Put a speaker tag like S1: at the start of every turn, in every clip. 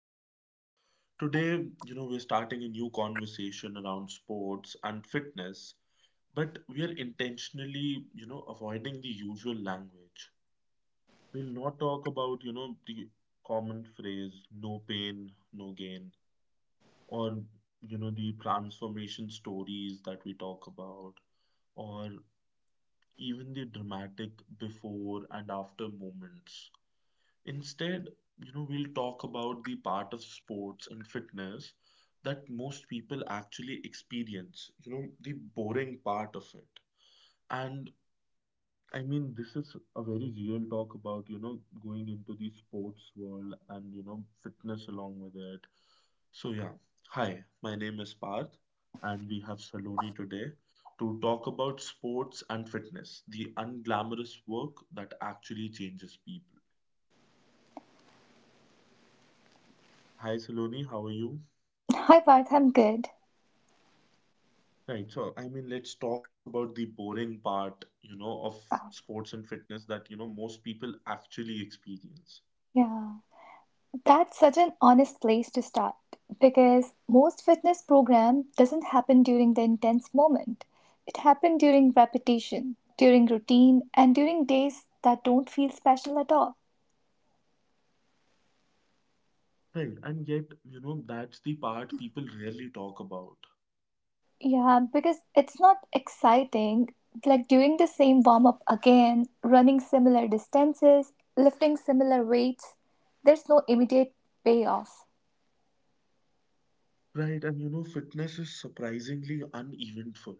S1: podcast. Today, we're starting a new conversation around sports and fitness, but we are intentionally, avoiding the usual language. We'll not talk about, the common phrase, no pain, no gain, or, the transformation stories that we talk about, or even the dramatic before and after moments. Instead, we'll talk about the part of sports and fitness that most people actually experience, the boring part of it. And I mean, this is a very real talk about, going into the sports world and, fitness along with it. So, yeah. Hi, my name is Parth, and we have Saloni today to talk about sports and fitness, the unglamorous work that actually changes people. Hi, Saloni, how are you?
S2: Hi, Parth. I'm good.
S1: Right. So, I mean, let's talk about the boring part, of
S2: Uh,
S1: sports and fitness that, most people actually experience.
S2: yeah, that's such an honest place to start because most fitness program doesn't happen during the intense moment. It happens during repetition, during routine, and during days that don't feel special at all.
S1: Right. And yet, that's the part people rarely talk about.
S2: Yeah, because it's not exciting. Like doing the same warm up again, running similar distances, lifting similar weights, there's no immediate payoff.
S1: Right. And, fitness is surprisingly uneventful.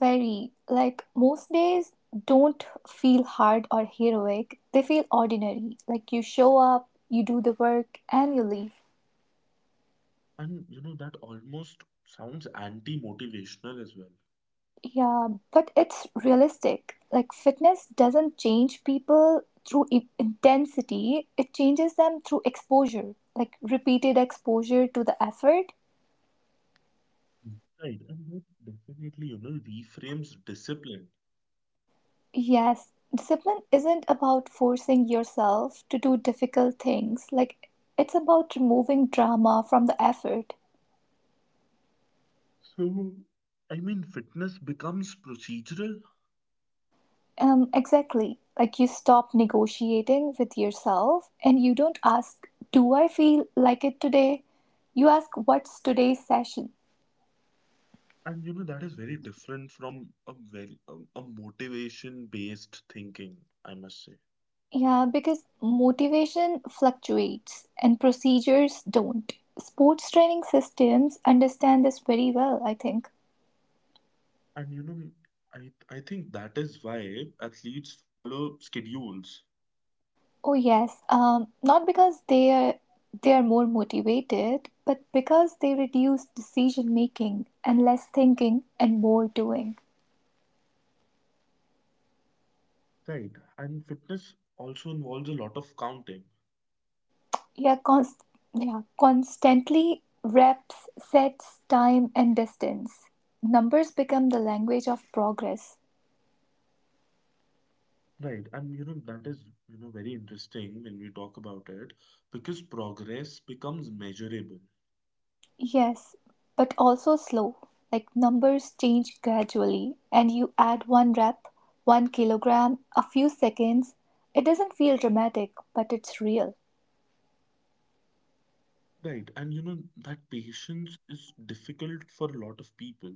S2: Very. Like, most days don't feel hard or heroic. They feel ordinary. Like, you show up, you do the work, and you leave.
S1: And, that almost sounds anti-motivational as well.
S2: Yeah, but it's realistic. Like, fitness doesn't change people through intensity, it changes them through exposure, like repeated exposure to the effort.
S1: Mm. Right. And that definitely, reframes discipline.
S2: Yes, discipline isn't about forcing yourself to do difficult things, like, it's about removing drama from the effort.
S1: So, I mean, fitness becomes procedural.
S2: Exactly. Like you stop negotiating with yourself and you don't ask, "Do I feel like it today?" You ask, "What's today's session?"
S1: And you know, that is very different from a very a motivation-based thinking, I must say.
S2: Yeah, because motivation fluctuates and procedures don't. Sports training systems understand this very well, I think.
S1: And I think that is why athletes follow schedules,
S2: Oh yes, not because they are more motivated, but because they reduce decision making and less thinking and more doing.
S1: right? And fitness also involves a lot of counting,
S2: Yeah, const- yeah, constantly reps, sets, time, and distance. Numbers become the language of progress.
S1: right? And that is very interesting when we talk about it because progress becomes measurable,
S2: Yes, but also slow. Like numbers change gradually, and you add one rep, 1 kg, a few seconds. It doesn't feel dramatic, but it's real.
S1: right? And that patience is difficult for a lot of people.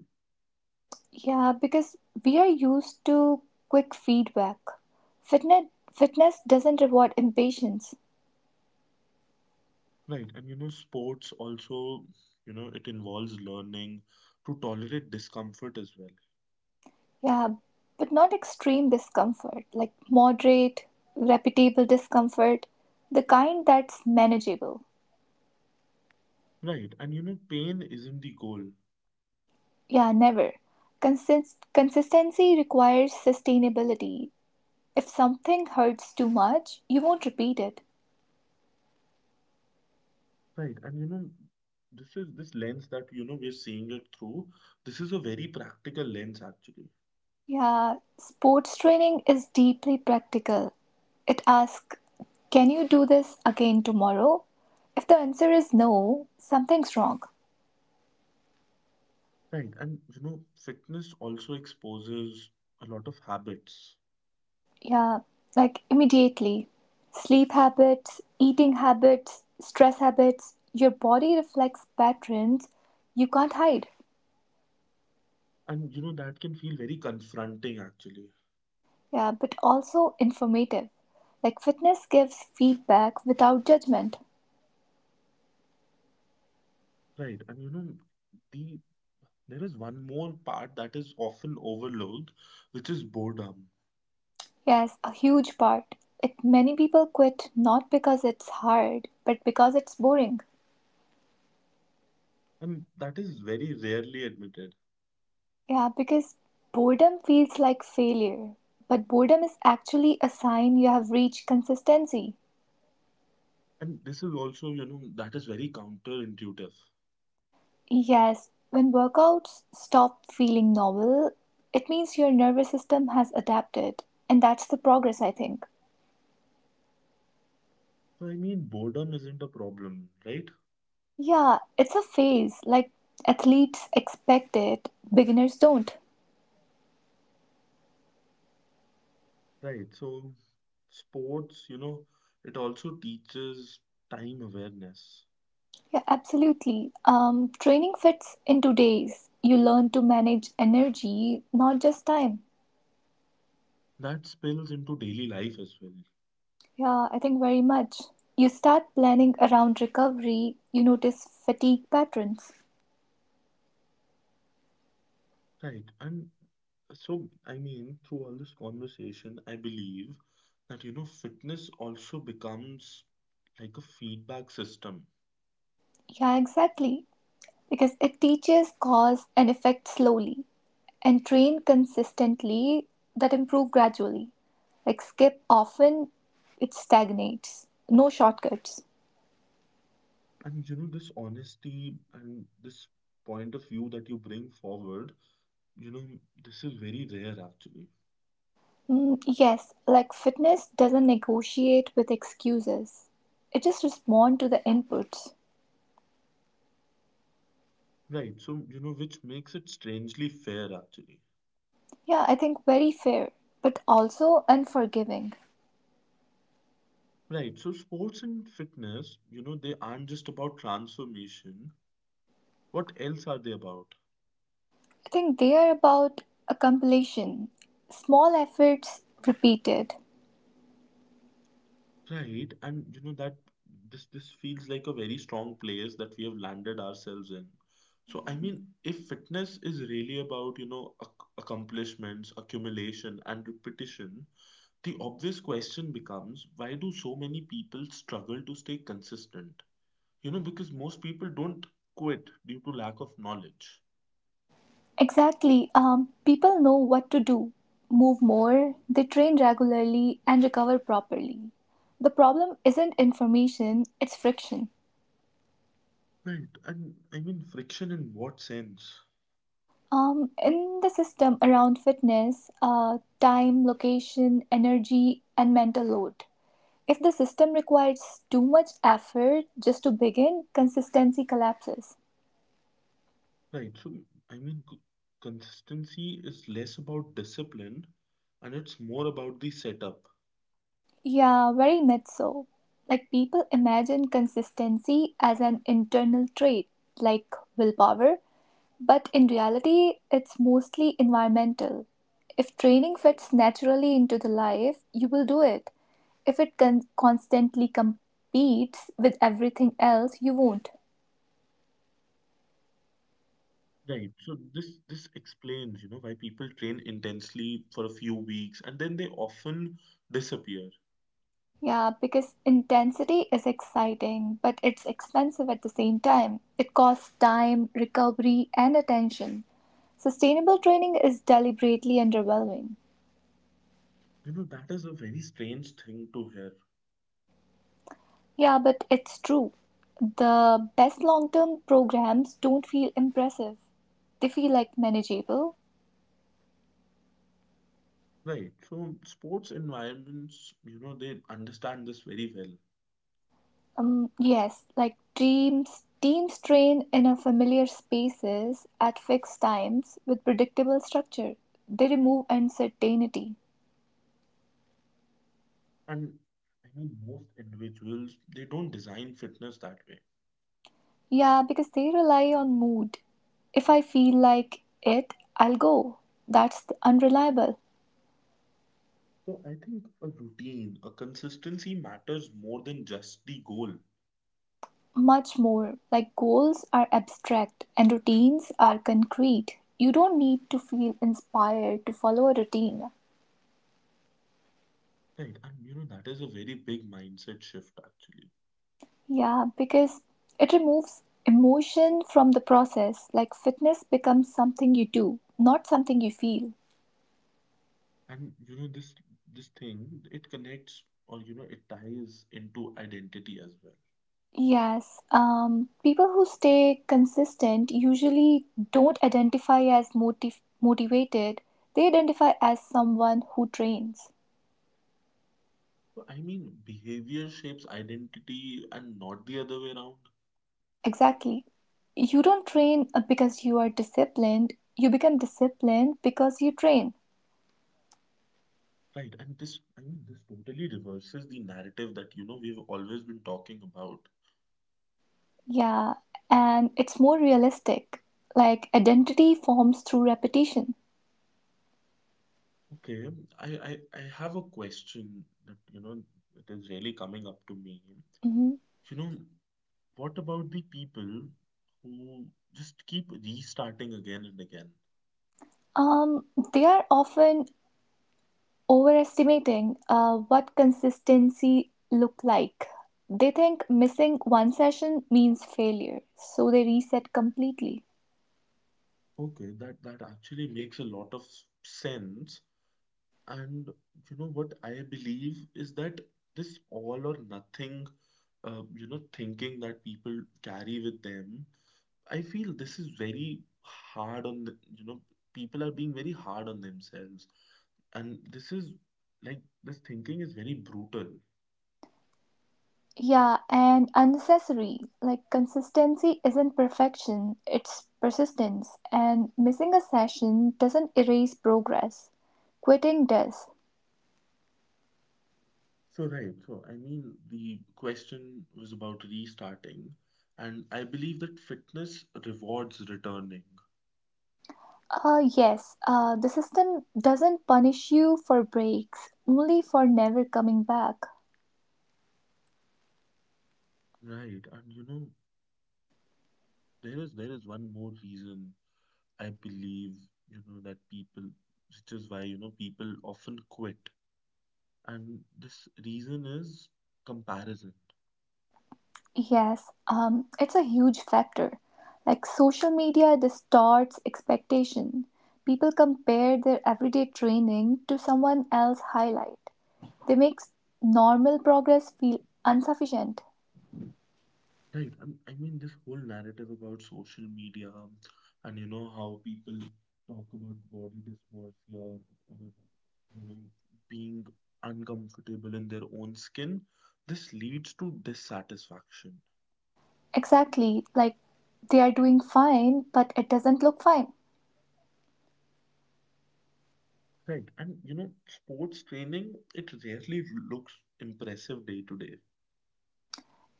S2: Yeah, because we are used to quick feedback. Fitness, Fitness doesn't reward impatience.
S1: Right, and sports also, it involves learning to tolerate discomfort as well.
S2: Yeah, but not extreme discomfort, like moderate, repeatable discomfort, the kind that's manageable.
S1: Right, and pain isn't the goal.
S2: Yeah, never. Consistency requires sustainability. If something hurts too much, you won't repeat it.
S1: Right, and this is this lens that, we're seeing it through. This is a very practical lens, actually.
S2: Yeah, sports training is deeply practical. It asks, "Can you do this again tomorrow?" If the answer is no, something's wrong.
S1: Right, and fitness also exposes a lot of habits,
S2: Yeah, like immediately. Sleep habits, eating habits, stress habits, your body reflects patterns you can't hide.
S1: and that can feel very confronting, actually.
S2: Yeah, but also informative. Like fitness gives feedback without judgment.
S1: Right, and the there is one more part that is often overlooked, which is boredom.
S2: Yes, a huge part. Like many people quit not because it's hard, but because it's boring.
S1: And that is very rarely admitted.
S2: Yeah, because boredom feels like failure. But boredom is actually a sign you have reached consistency.
S1: And this is also, that is very counterintuitive.
S2: Yes, when workouts stop feeling novel, it means your nervous system has adapted, and that's the progress, I think.
S1: So, I mean, boredom isn't a problem, right?
S2: Yeah, it's a phase. Like athletes expect it, beginners don't.
S1: Right. So, sports, it also teaches time awareness.
S2: Yeah, absolutely. Training fits into days. You learn to manage energy, not just time.
S1: That spills into daily life as well.
S2: Yeah, I think very much. You start planning around recovery, you notice fatigue patterns.
S1: Right. And so, I mean, through all this conversation, I believe that, fitness also becomes like a feedback system.
S2: Yeah, exactly, because it teaches cause and effect slowly, and train consistently, that improve gradually, like skip often, it stagnates, no shortcuts.
S1: And this honesty and this point of view that you bring forward, you know, this is very rare actually.
S2: Yes, like fitness doesn't negotiate with excuses, it just responds to the inputs.
S1: Right. So, which makes it strangely fair actually.
S2: Yeah, I think very fair, but also unforgiving.
S1: Right. So, sports and fitness, they aren't just about transformation. What else are they about?
S2: I think they are about accumulation, small efforts, repeated.
S1: Right. And, that this feels like a very strong place that we have landed ourselves in. So, I mean, if fitness is really about, ac accomplishments, accumulation, and repetition, the obvious question becomes, why do so many people struggle to stay consistent? Because most people don't quit due to lack of knowledge.
S2: Exactly. People know what to do, move more, they train regularly, and recover properly. The problem isn't information, it's friction.
S1: Right. And I mean, friction in what sense?
S2: In the system around fitness, time, location, energy, and mental load. If the system requires too much effort just to begin, consistency collapses.
S1: Right. So, I mean, consistency is less about discipline and it's more about the setup.
S2: Yeah, very much so. Like people imagine consistency as an internal trait, like willpower. But in reality, it's mostly environmental. If training fits naturally into the life, you will do it. If it constantly competes with everything else, you won't.
S1: Right. So this explains, why people train intensely for a few weeks and then they often disappear.
S2: Yeah, because intensity is exciting, but it's expensive at the same time. It costs time, recovery, and attention. Sustainable training is deliberately underwhelming.
S1: That is a very strange thing to hear.
S2: Yeah, but it's true. The best long term programs don't feel impressive. They feel like manageable.
S1: Right. So sports environments, they understand this very well.
S2: Yes, like teams train in a familiar spaces at fixed times with predictable structure. They remove uncertainty.
S1: And I mean, most individuals, they don't design fitness that way.
S2: Yeah, because they rely on mood. If I feel like it, I'll go. That's unreliable.
S1: So I think a routine, a consistency matters more than just the goal.
S2: Much more, like goals are abstract and routines are concrete. You don't need to feel inspired to follow a routine.
S1: Right. And that is a very big mindset shift actually.
S2: Yeah, because it removes emotion from the process. Like fitness becomes something you do, not something you feel.
S1: And this thing, it connects or it ties into identity as well.
S2: Yes, people who stay consistent usually don't identify as motivated. They identify as someone who trains.
S1: So I mean, behavior shapes identity and not the other way around.
S2: Exactly. You don't train because you are disciplined, you become disciplined because you train.
S1: Right, and this, I mean, this totally reverses the narrative that, we've always been talking about.
S2: Yeah, and it's more realistic. Like identity forms through repetition.
S1: Okay, I have a question that, it is really coming up to me.
S2: Mhm.
S1: You know, what about the people who just keep restarting again and again?
S2: Um, they are often overestimating what consistency look like. They think missing one session means failure, so they reset completely.
S1: Okay, that actually makes a lot of sense. And, what I believe is that this all or nothing, thinking that people carry with them, I feel this is very hard on the, people are being very hard on themselves. And this is, like, this thinking is very brutal.
S2: Yeah, and unnecessary. Like, consistency isn't perfection, it's persistence. And missing a session doesn't erase progress. Quitting does.
S1: So, right. So, I mean, the question was about restarting, and I believe that fitness rewards returning.
S2: Yes, the system doesn't punish you for breaks, only for never coming back.
S1: Right. And there is one more reason I believe, that people, which is why, people often quit. And this reason is comparison.
S2: Yes, it's a huge factor. Like social media distorts expectation. People compare their everyday training to someone else's highlight. They make normal progress feel insufficient.
S1: Right. I mean, this whole narrative about social media and how people talk about body dysmorphia, about, you know, being uncomfortable in their own skin, this leads to dissatisfaction.
S2: Exactly, like they are doing fine, but it doesn't look fine.
S1: Right. And sports training, it rarely looks impressive day to day.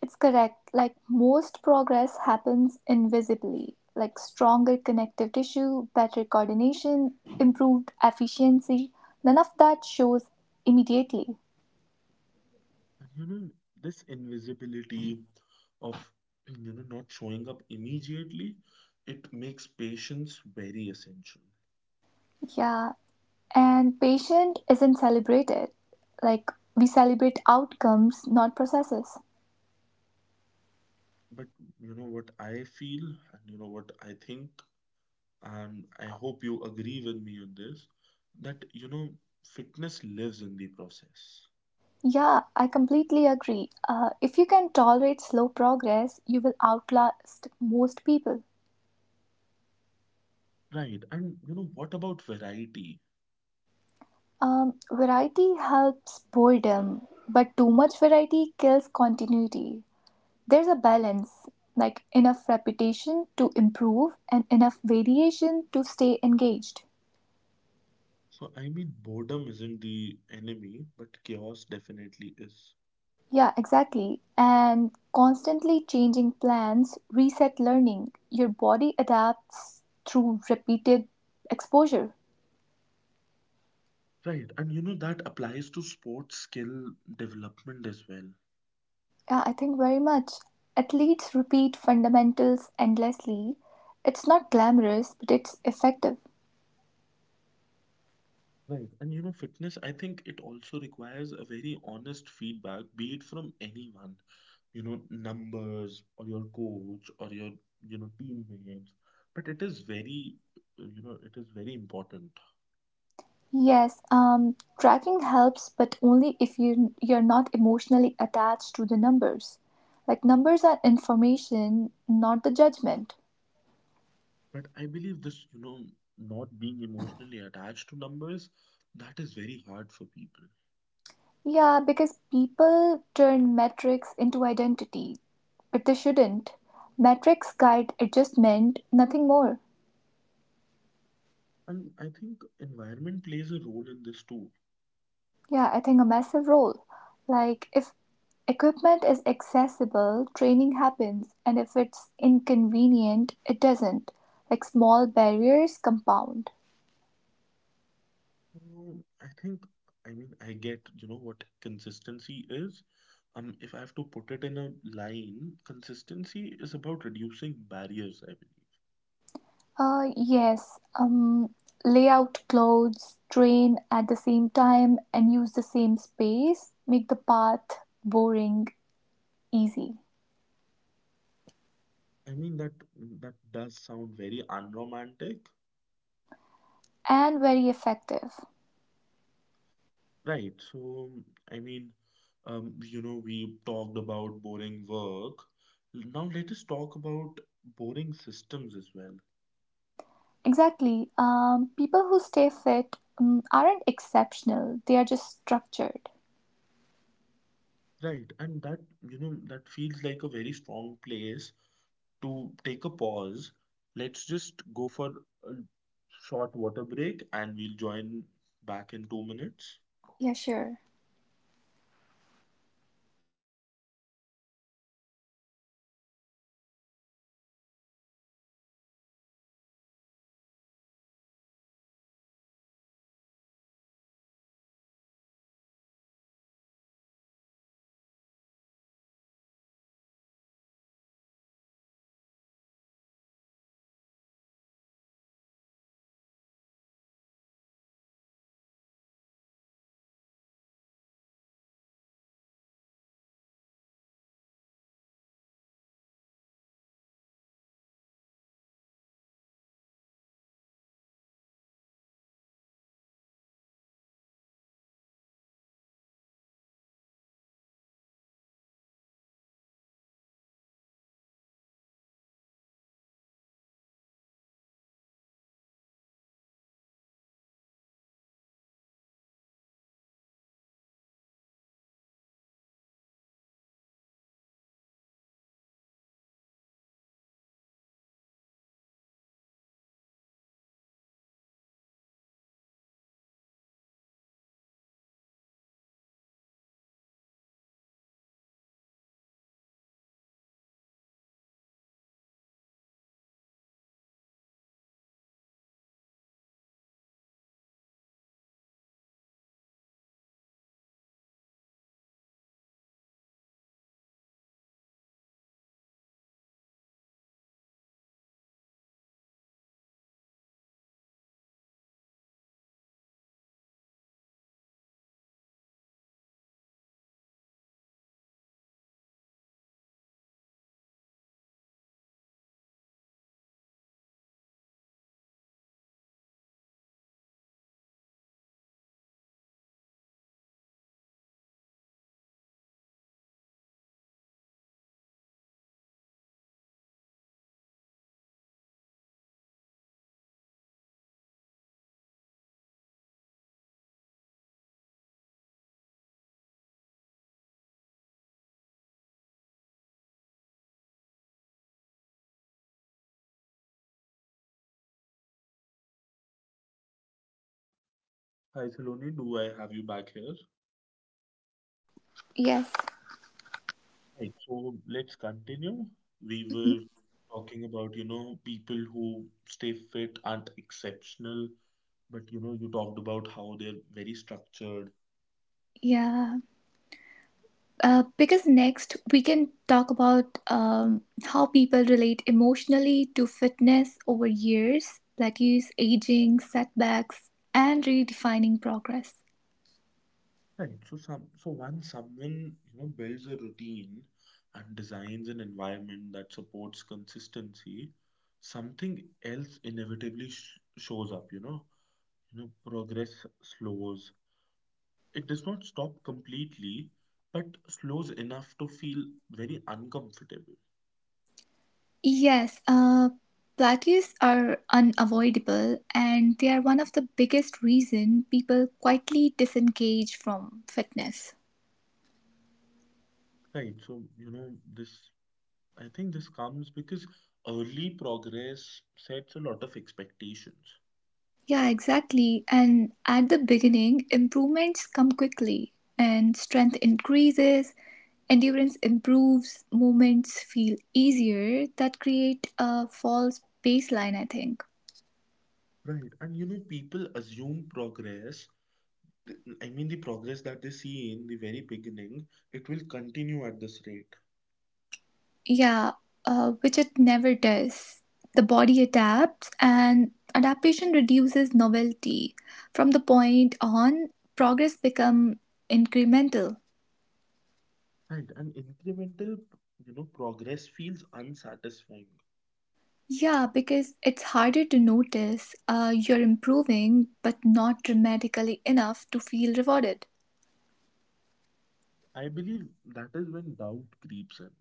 S2: It's correct, like most progress happens invisibly, like stronger connective tissue, better coordination, improved efficiency. None of that shows immediately.
S1: And this invisibility of, not showing up immediately, it makes patience very essential.
S2: Yeah, and patient isn't celebrated. Like we celebrate outcomes, not processes.
S1: But what I feel, and what I think, and I hope you agree with me on this, that fitness lives in the process.
S2: Yeah, I completely agree. If you can tolerate slow progress, you will outlast most people.
S1: Right. And what about variety?
S2: Variety helps boredom, but too much variety kills continuity. There's a balance, like enough repetition to improve and enough variation to stay engaged.
S1: So, I mean, boredom isn't the enemy, but chaos definitely is.
S2: Yeah, exactly. And constantly changing plans reset learning. Your body adapts through repeated exposure.
S1: Right. And that applies to sports skill development as well.
S2: Yeah, I think very much. Athletes repeat fundamentals endlessly. It's not glamorous, but it's effective.
S1: Right. And fitness, I think it also requires a very honest feedback, be it from anyone, numbers or your coach or your, teammates. But it is very, it is very important.
S2: Yes, tracking helps, but only if you're not emotionally attached to the numbers. Like numbers are information, not the judgment.
S1: But I believe this, not being emotionally attached to numbers, that is very hard for people.
S2: Yeah, because people turn metrics into identity, but they shouldn't. Metrics guide adjustment, nothing more.
S1: And I think environment plays a role in this too.
S2: Yeah, I think a massive role. Like if equipment is accessible, training happens, and if it's inconvenient, it doesn't. Like small barriers compound.
S1: I think, I mean, I get, what consistency is. If I have to put it in a line, consistency is about reducing barriers, I believe.
S2: Yes, lay out clothes, train at the same time, and use the same space make the path boring, easy,
S1: I mean, that does sound very unromantic,
S2: and very effective.
S1: right? So, I mean, we talked about boring work. Now let us talk about boring systems as well.
S2: Exactly. People who stay fit aren't exceptional, they are just structured.
S1: Right, and that feels like a very strong place to take a pause. Let's just go for a short water break and we'll join back in 2 minutes.
S2: Yeah, sure.
S1: Hi, Saloni, do I have you back here?
S2: Yes.
S1: Right, so let's continue. We were talking about, people who stay fit aren't exceptional, but you talked about how they're very structured.
S2: Yeah. Because next we can talk about how people relate emotionally to fitness over years, that is aging, setbacks, and redefining progress.
S1: Right. So some so once someone builds a routine and designs an environment that supports consistency, something else inevitably shows up. Progress slows. It does not stop completely, but slows enough to feel very uncomfortable.
S2: Yes, plateaus are unavoidable, and they are one of the biggest reason people quietly disengage from fitness.
S1: Right. So this. I think this comes because early progress sets a lot of expectations.
S2: Yeah, exactly. And at the beginning, improvements come quickly, and strength increases, endurance improves, movements feel easier. That create a false baseline, I think.
S1: Right. And people assume progress. I mean, the progress that they see in the very beginning, it will continue at this rate.
S2: Yeah, which it never does. The body adapts, and adaptation reduces novelty. From the point on, progress become incremental.
S1: Right. And incremental, progress feels unsatisfying.
S2: Yeah, because it's harder to notice you're improving, but not dramatically enough to feel rewarded.
S1: I believe that is when doubt creeps in.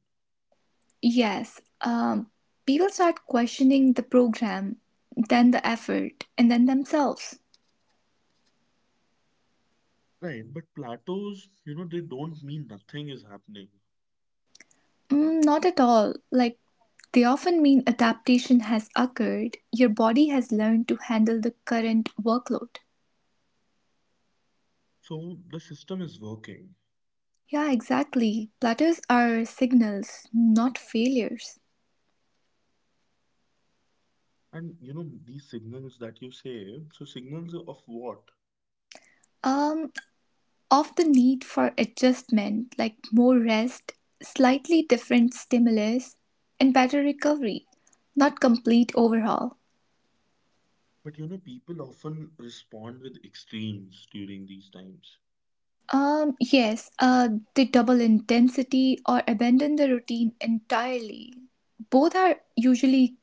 S2: Yes, people start questioning the program, then the effort, and then themselves.
S1: Right. But plateaus, they don't mean nothing is happening.
S2: Mm, not at all. Like, they often mean adaptation has occurred, your body has learned to handle the current workload.
S1: So the system is working.
S2: Yeah, exactly. Plateaus are signals, not failures.
S1: And, these signals that you say, so signals of what?
S2: Um, of the need for adjustment, like more rest, slightly different stimulus, and better recovery, not complete overhaul.
S1: But, people often respond with extremes during these times.
S2: Yes, they double intensity or abandon the routine entirely. Both are usually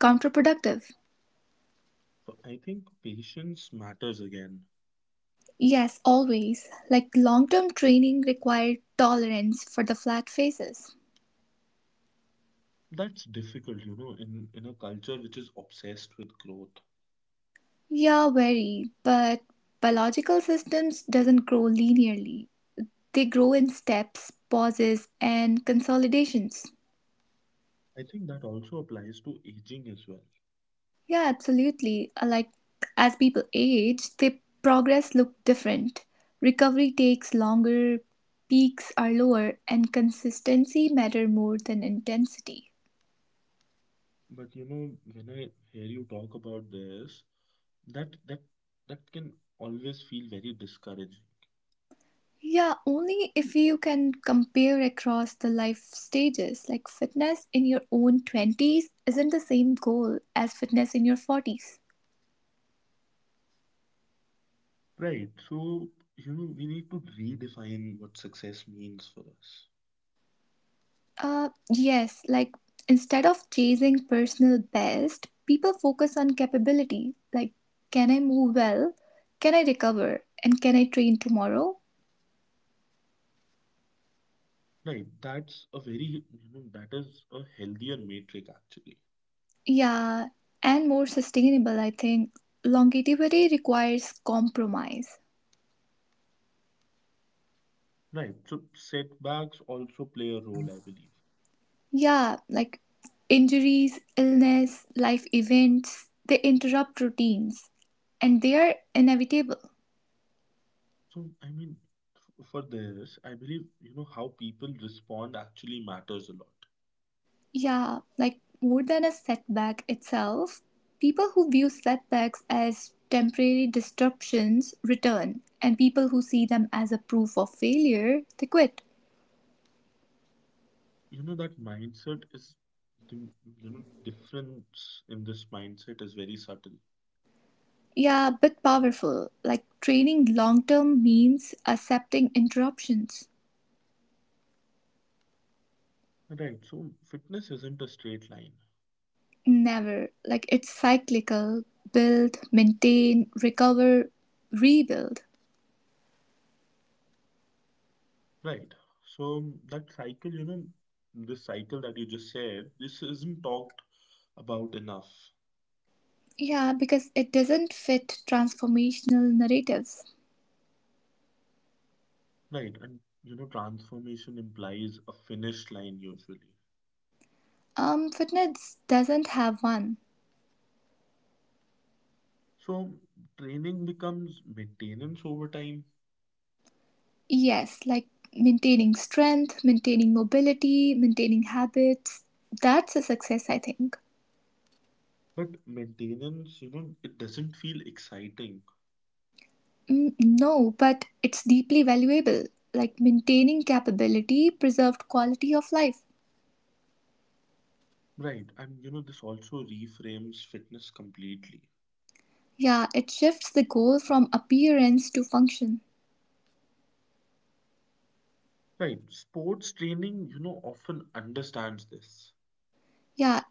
S2: counterproductive.
S1: So I think patience matters again.
S2: Yes, always. Like long term training required tolerance for the flat phases.
S1: That's difficult, in a culture which is obsessed with growth.
S2: Yeah, very, but biological systems doesn't grow linearly. They grow in steps, pauses, and consolidations.
S1: I think that also applies to aging as well.
S2: Yeah, absolutely. Like as people age, their progress look different. Recovery takes longer, peaks are lower, and consistency matter more than intensity.
S1: But when I hear you talk about this, that that that can always feel very discouraging.
S2: Yeah, only if you can compare across the life stages. Like fitness in your own 20s isn't the same goal as fitness in your 40s.
S1: Right. So, we need to redefine what success means for us.
S2: Yes, like instead of chasing personal best, people focus on capability. Like, can I move well? Can I recover? And can I train tomorrow?
S1: Right. That's a very, that is a healthier metric actually.
S2: Yeah, and more sustainable, I think. Longevity requires compromise.
S1: Right. So setbacks also play a role, I believe.
S2: Yeah, like injuries, illness, life events, they interrupt routines and they are inevitable.
S1: So, I mean, for this, I believe, how people respond actually matters a lot.
S2: Yeah, like more than a setback itself, people who view setbacks as temporary disruptions return, and people who see them as a proof of failure, they quit.
S1: That mindset is, the, difference in this mindset is very subtle.
S2: Yeah, but powerful. Like training long term means accepting interruptions.
S1: Right. So, fitness isn't a straight line.
S2: Never. Like it's cyclical, build, maintain, recover, rebuild.
S1: Right. So, that cycle, this cycle that you just said, this isn't talked about enough.
S2: Yeah, because it doesn't fit transformational narratives.
S1: Right. And, transformation implies a finish line usually.
S2: Fitness doesn't have one.
S1: So, training becomes maintenance over time.
S2: Yes, like maintaining strength, maintaining mobility, maintaining habits. That's a success, I think.
S1: But maintenance, it doesn't feel exciting.
S2: Mm, no, but it's deeply valuable. Like maintaining capability, preserved quality of life.
S1: Right. And, this also reframes fitness completely.
S2: Yeah, it shifts the goal from appearance to function.
S1: Right. Sports training, often understands this.
S2: Yeah,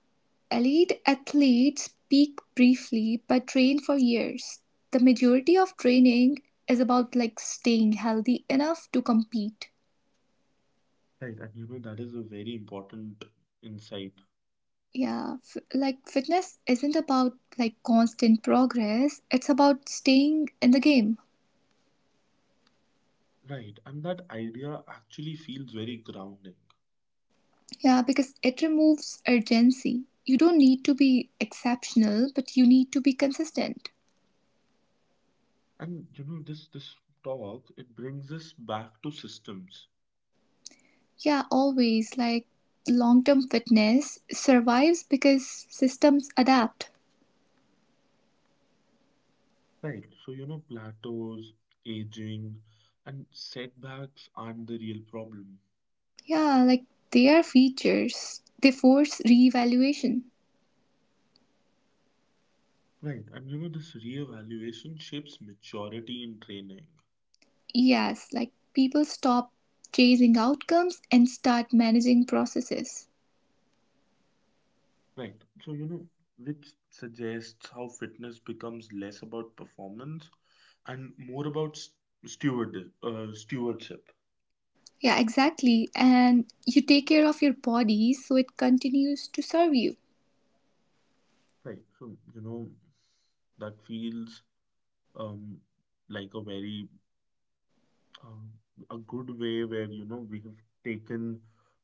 S2: elite athletes peak briefly but train for years. The majority of training is about like staying healthy enough to compete.
S1: Right. And, that is a very important insight.
S2: Like fitness isn't about like constant progress, it's about staying in the game.
S1: Right. And that idea actually feels very grounding.
S2: Yeah, because it removes urgency. You don't need to be exceptional, but you need to be consistent.
S1: And, this talk, it brings us back to systems.
S2: Yeah, always, like long term fitness survives because systems adapt.
S1: Right. So, plateaus, aging, and setbacks aren't the real problem.
S2: Yeah, like they are features, they force reevaluation.
S1: Right, and this reevaluation shapes maturity in training.
S2: Yes, like people stop chasing outcomes and start managing processes.
S1: Right, so which suggests how fitness becomes less about performance and more about steward stewardship.
S2: Yeah, exactly. And you take care of your body so it continues to serve you.
S1: Right, so that feels, um like um, a good way, where we have taken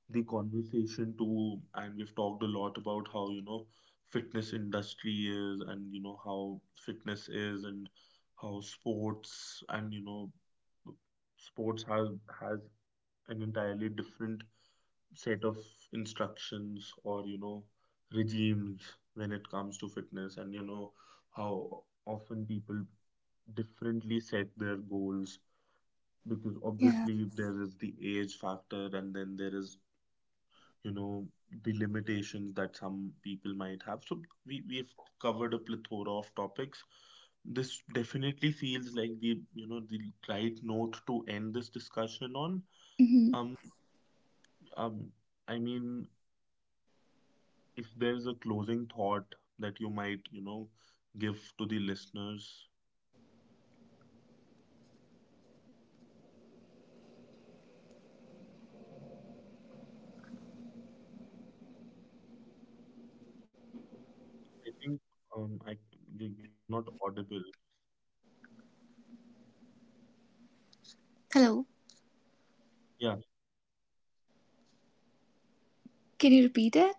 S1: the conversation to, and we've talked a lot about how fitness industry is and how fitness is, and how sports, and sports has an entirely different set of instructions, or regimes when it comes to fitness, and how often people differently set their goals, because
S2: Yeah.
S1: obviously there is the age factor, and then there is you know the limitations that some people might have. So we've covered a plethora of topics. This definitely feels like the you know the right note to end this discussion on.
S2: Hmm.
S1: um um I mean, if there's a closing thought that you might, give to the listeners, I think, um i you're not audible.
S2: Hello.
S1: Yeah.
S2: Can you repeat it?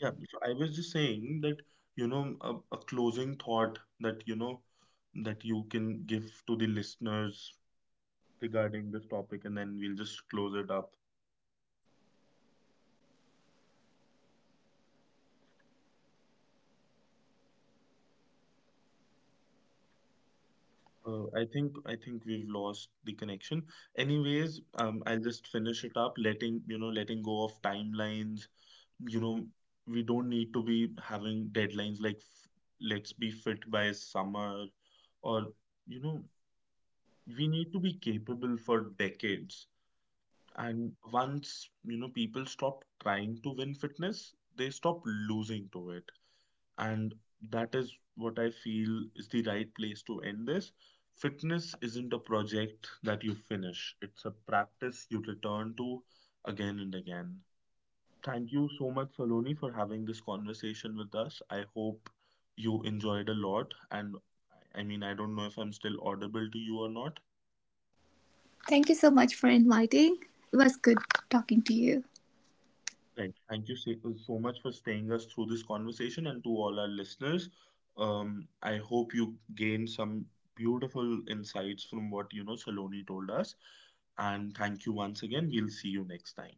S1: Yeah, so I was just saying that, a closing thought that, that you can give to the listeners regarding this topic, and then we'll just close it up. I think, we've lost the connection. Anyways, I'll just finish it up, letting go of timelines. You know, we don't need to be having deadlines like, let's be fit by summer, or you know, we need to be capable for decades. And once, people stop trying to win fitness, they stop losing to it. And that is what I feel is the right place to end this. Fitness isn't a project that you finish, it's a practice you return to again and again. Thank you so much, Saloni, for having this conversation with us. I hope you enjoyed a lot. And I mean, I don't know if I'm still audible to you or not.
S2: Thank you so much for inviting. It was good talking to you.
S1: Right. Thank you so much for staying us through this conversation and to all our listeners. I hope you gain some beautiful insights from what Saloni told us. And thank you once again. We'll see you next time.